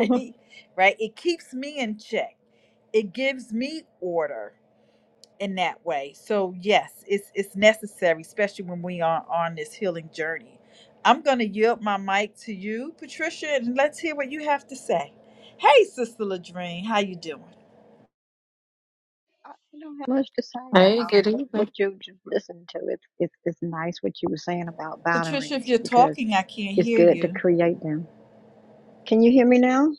I don't have much to say. Hey, Um, good what evening. what you just listened to, it's it's it's nice what you were saying about boundaries because it's good to create them. Can you hear me now?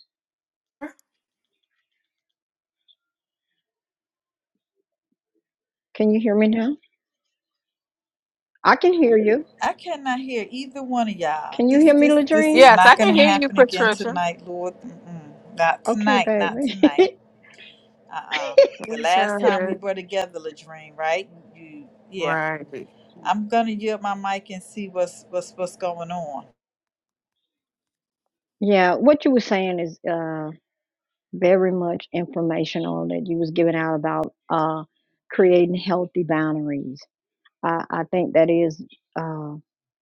Can you hear me now? I can hear you. Can you hear me, Ladrine? Yes, I can hear you, Patricia. Okay, baby. It's all right. Right. yeah, what you were saying is uh very much informational that you was giving out about uh creating healthy boundaries I, I think that is uh,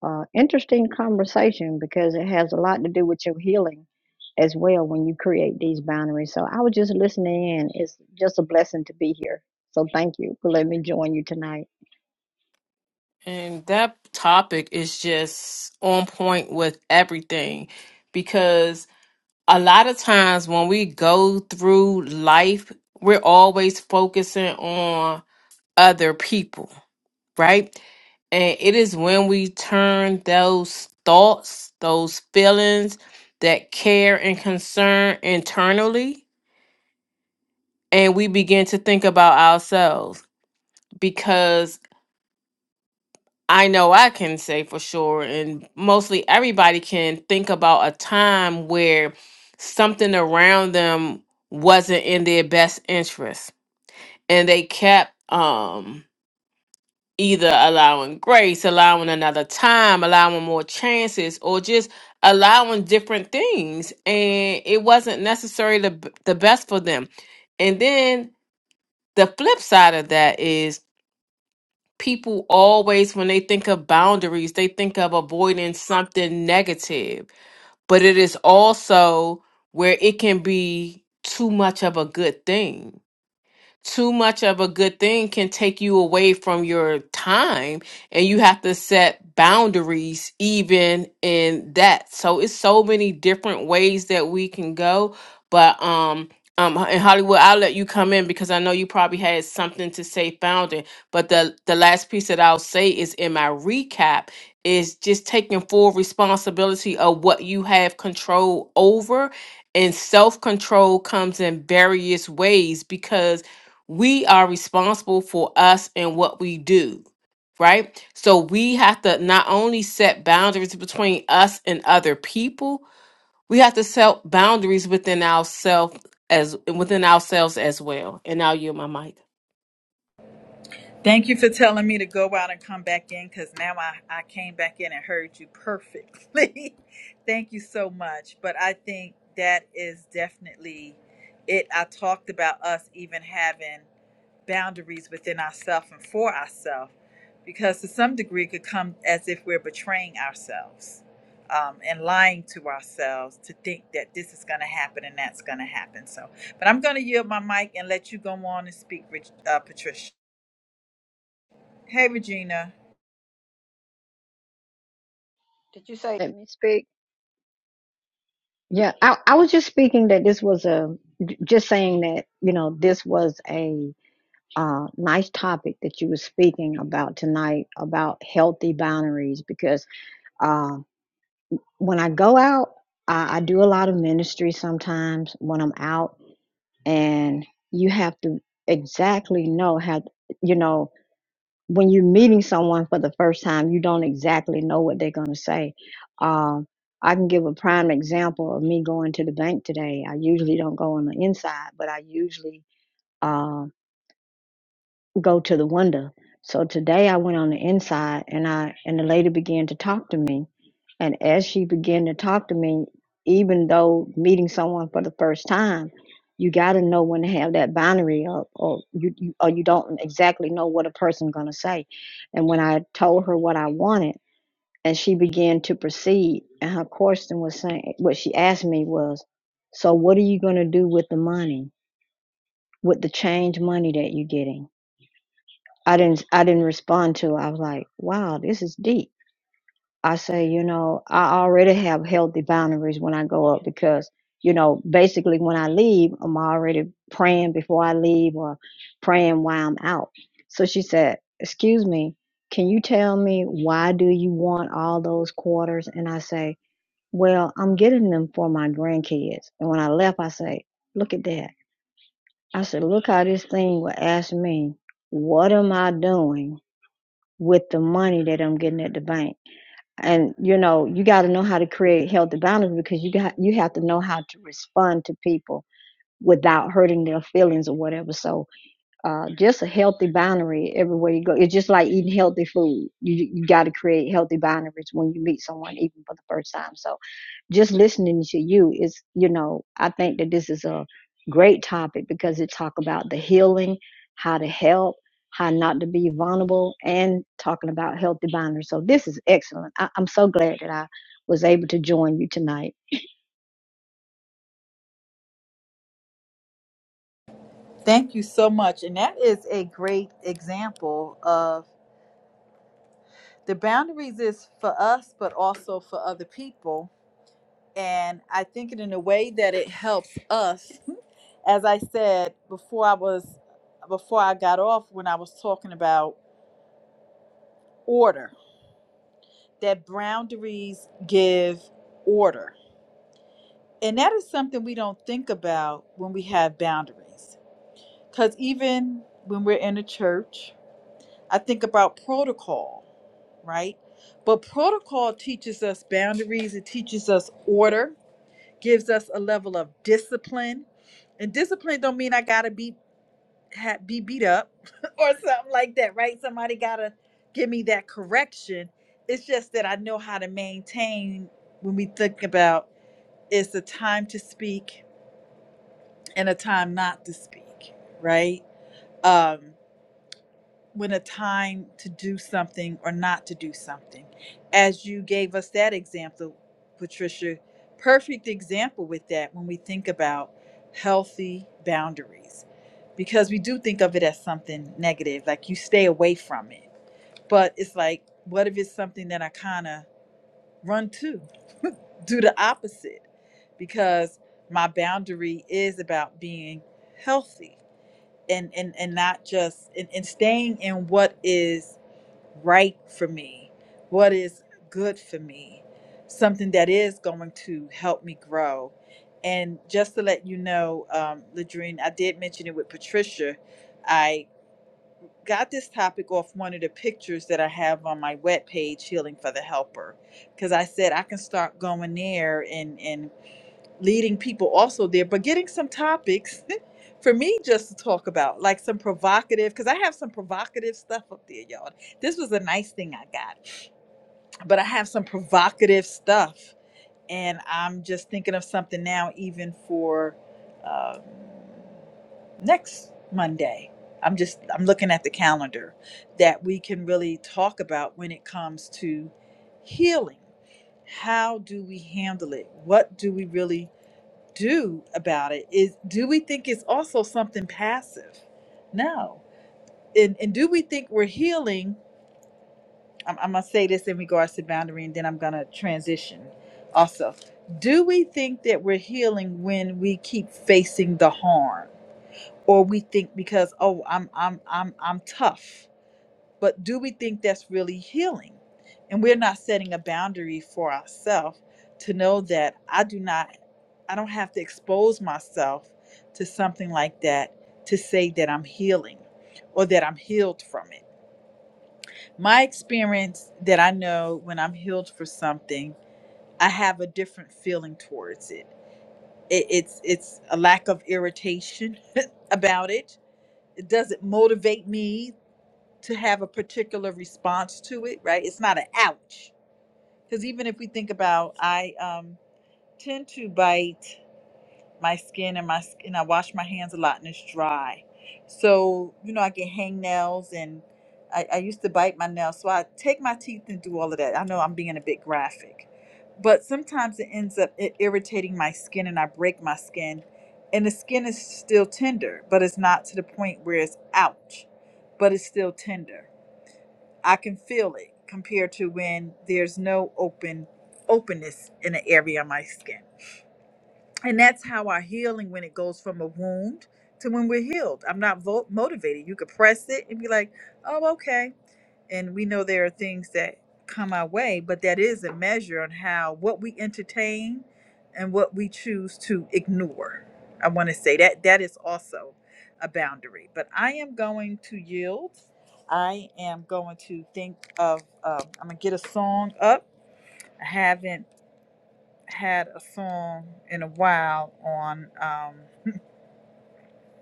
uh, interesting conversation because it has a lot to do with your healing as well when you create these boundaries. So I was just listening in. It's just a blessing to be here. So thank you for letting me join you tonight. And that topic is just on point with everything because a lot of times when we go through life, we're always focusing on other people, right? And it is when we turn those thoughts, those feelings, that care and concern internally and we begin to think about ourselves because I know I can say for sure, and mostly everybody can think about a time where something around them wasn't in their best interest, and they kept um, either allowing grace, allowing another time, allowing more chances, or just allowing different things, and it wasn't necessarily the, b- the best for them. And then the flip side of that is people always when they think of boundaries they think of avoiding something negative but it is also where it can be too much of a good thing too much of a good thing can take you away from your time and you have to set boundaries even in that so it's so many different ways that we can go but um um in hollywood i'll let you come in because i know you probably had something to say founding but the the last piece that i'll say is in my recap is just taking full responsibility of what you have control over and self control comes in various ways because we are responsible for us and what we do, right? So we have to not only set boundaries between us and other people, we have to set boundaries within ourselves as within ourselves as well. And now you my mic. Did you say Let me speak. Yeah, I, I was just speaking that this was a j- just saying that you know this was a uh, nice topic that you were speaking about tonight about healthy boundaries because uh, when I go out, I, I do a lot of ministry sometimes when I'm out, and you have to exactly know how, you know, when you're meeting someone for the first time, you don't exactly know what they're going to say. Um, I can give a prime example of me going to the bank today. I usually don't go on the inside, but I usually uh, go to the window. So today I went on the inside and I and the lady began to talk to me. And as she began to talk to me, even though meeting someone for the first time, you gotta know when to have that boundary up or you, you or you don't exactly know what a person gonna say. And when I told her what I wanted and she began to proceed and her question was saying what she asked me was, So what are you gonna do with the money, with the change money that you're getting? I didn't I didn't respond to. I was like, wow, this is deep. I say, you know, I already have healthy boundaries when I go up because, you know, basically when I leave, I'm already praying before I leave or praying while I'm out. So she said, Excuse me, can you tell me why do you want all those quarters? And I say, Well, I'm getting them for my grandkids. And when I left, I say, Look at that. I said, Look how this thing will ask me, what am I doing? with the money that I'm getting at the bank. And you know, you got to know how to create healthy boundaries because you got you have to know how to respond to people without hurting their feelings or whatever. So, uh, just a healthy boundary everywhere you go. It's just like eating healthy food. You you got to create healthy boundaries when you meet someone, even for the first time. So just listening to you is you know i think that this is a great topic because it talk about the healing how to help how not to be vulnerable and talking about healthy boundaries so this is excellent I, i'm so glad that i was able to join you tonight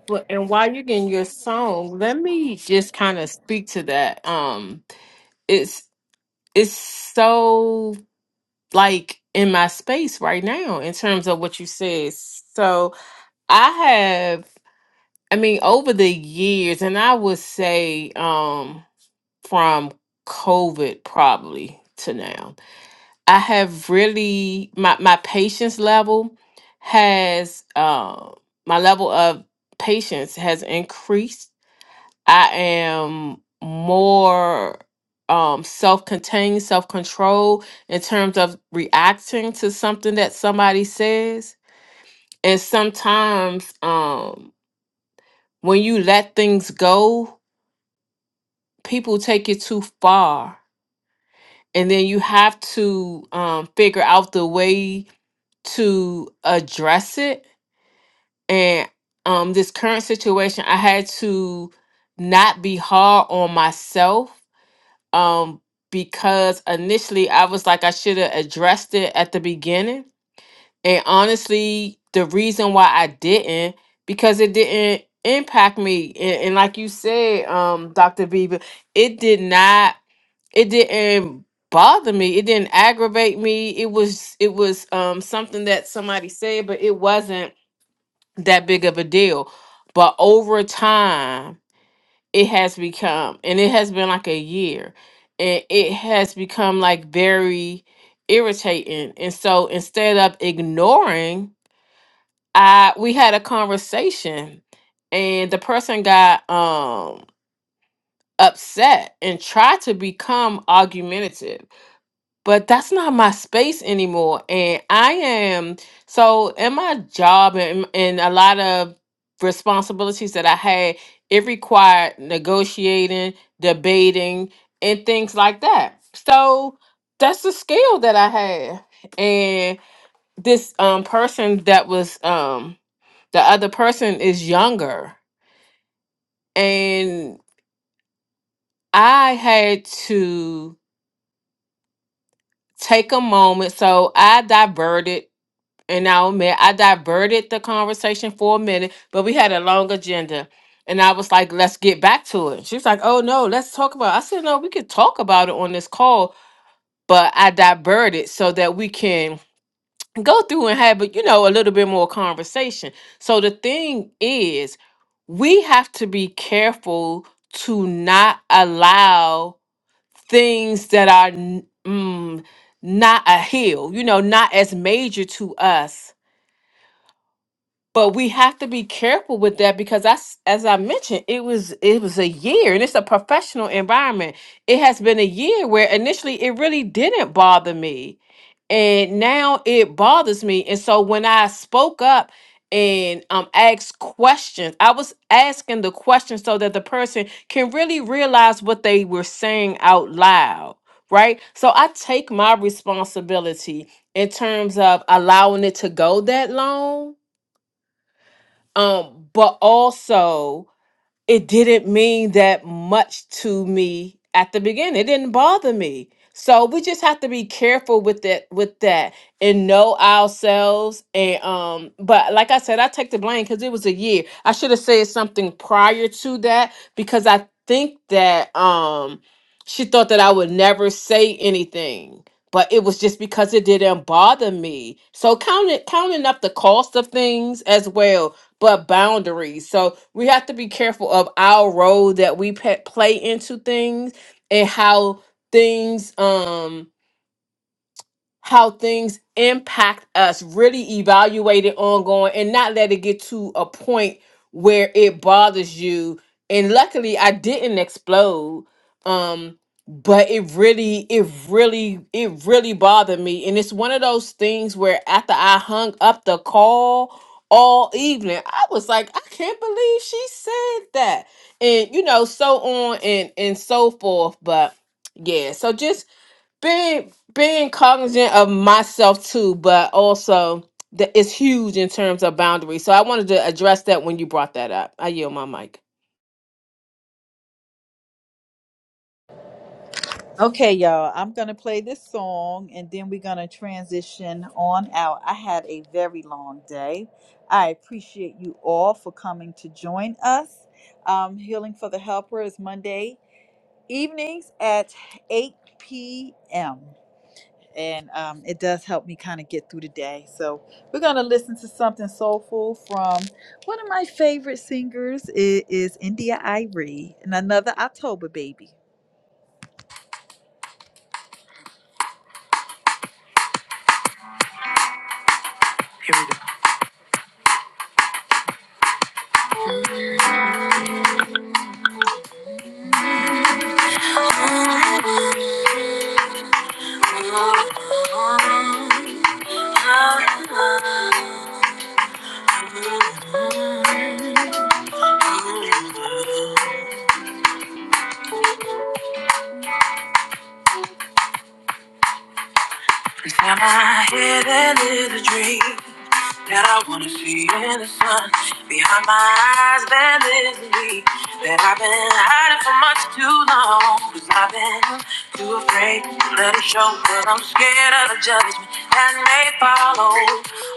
Well, and while you're getting your song, let me just kind of speak to that. Um, it's it's so like in my space right now in terms of what you said. So I have I mean, over the years, and I would say um, from COVID probably to now, I have really my my patience level has uh, my level of patience has increased. I am more um, self-contained, self-controlled in terms of reacting to something that somebody says, and sometimes um, when you let things go people take it too far and then you have to um, figure out the way to address it and um, this current situation i had to not be hard on myself um, because initially i was like i should have addressed it at the beginning and honestly the reason why i didn't because it didn't impact me and, and like you said um, dr Beaver, it did not it didn't bother me it didn't aggravate me it was it was um something that somebody said but it wasn't that big of a deal but over time it has become and it has been like a year and it has become like very irritating and so instead of ignoring i we had a conversation and the person got um upset and tried to become argumentative but that's not my space anymore and i am so in my job and, and a lot of responsibilities that i had it required negotiating debating and things like that so that's the skill that i had and this um person that was um the other person is younger and i had to take a moment so i diverted and I'll admit I diverted the conversation for a minute, but we had a long agenda. And I was like, let's get back to it. She was like, oh no, let's talk about it. I said, no, we could talk about it on this call, but I diverted so that we can go through and have, a- you know, a little bit more conversation. So the thing is, we have to be careful to not allow things that are n- mm, not a hill, you know, not as major to us but we have to be careful with that because that's as i mentioned it was it was a year and it's a professional environment it has been a year where initially it really didn't bother me and now it bothers me and so when i spoke up and um asked questions i was asking the questions so that the person can really realize what they were saying out loud right so i take my responsibility in terms of allowing it to go that long um but also it didn't mean that much to me at the beginning it didn't bother me so we just have to be careful with that with that and know ourselves and um but like i said i take the blame because it was a year i should have said something prior to that because i think that um she thought that i would never say anything but it was just because it didn't bother me so counting counting up the cost of things as well but boundaries. So we have to be careful of our role that we pe- play into things and how things um how things impact us, really evaluate it ongoing and not let it get to a point where it bothers you. And luckily I didn't explode. Um, but it really, it really, it really bothered me. And it's one of those things where after I hung up the call all evening, I was like, I can't believe she said that. And you know, so on and and so forth. But yeah, so just being being cognizant of myself too, but also that it's huge in terms of boundaries. So I wanted to address that when you brought that up. I yield my mic. Every time I had a little dream, That I wanna see in the sun Behind my eyes there is me That I've been hiding for much too long Cause I've been too afraid to let it show But I'm scared of the judgment that may follow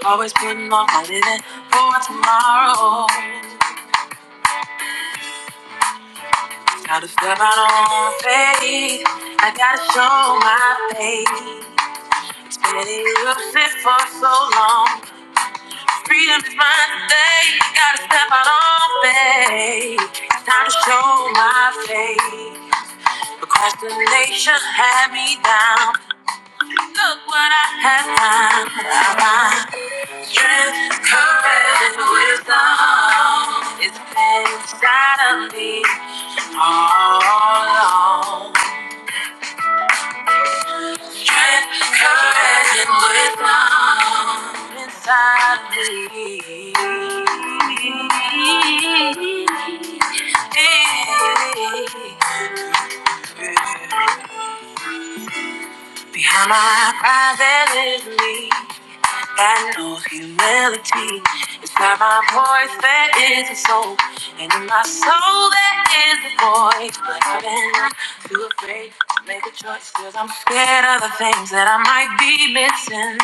Always putting off my living for tomorrow Gotta step out on faith I gotta show my face Been elusive for so long Freedom is mine today. Gotta step out on faith. It's time to show my faith. Procrastination had me down. Look what I have found. I strength, courage, and wisdom. It's been inside of me all along. Strength, courage, and wisdom inside of me. Hey, behind my private me that knows humility. Inside my voice that is a soul, and in my soul that is a voice. But I've been too afraid to make a choice, cause I'm scared of the things that I might be missing.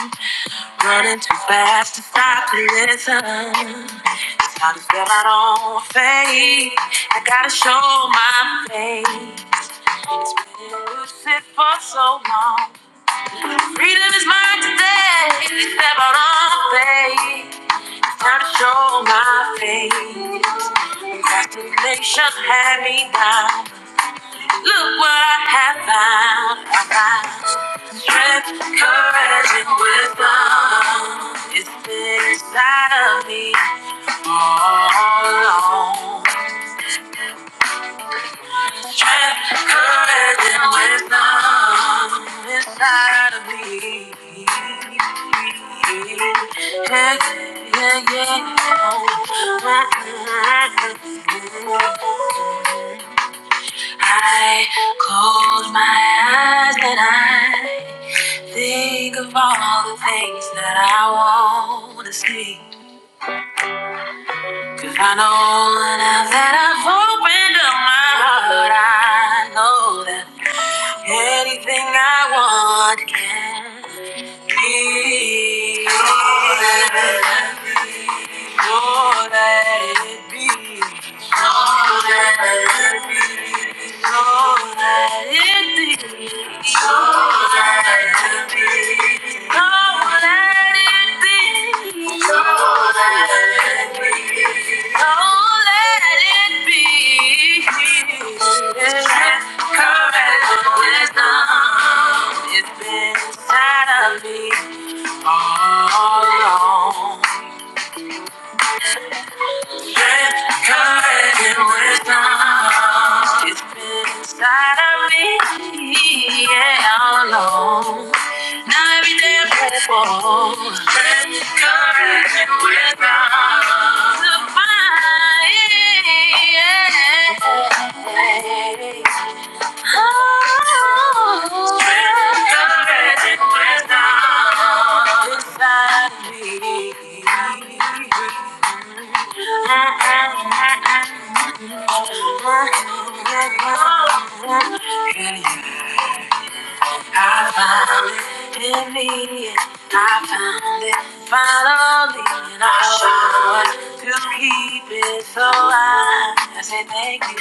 Running too fast to stop and listen. It's time to step out on faith. I gotta show my face. You sit for so long. Freedom is mine today. Step out on faith. Time to show my faith. Congratulations had me down. Look what I have found. I found strength, courage, and wisdom. It's been inside of me all along. Covered in wisdom inside of me. Yeah, yeah, yeah. I close my eyes and I think of all the things that I want to see. 'Cause I know now that I've opened up my heart, I know that. Anything I want can be. Oh, let it, oh, let it be. Oh, let it be. All that it be. All that it be. All that it be. All that it be. All that it be. Correct wisdom. it inside of me all along. Red carpet was long. It's been inside of me, yeah, all along. Now every day I pray for strength, courage, and wisdom To find, yeah. Oh, red carpet was long. Inside of me. I found it in me. I found it finally, and I want to keep it. So I, I say thank you.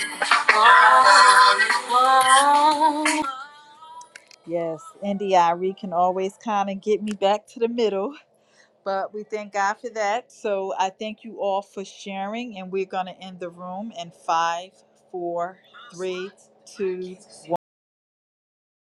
Oh, oh.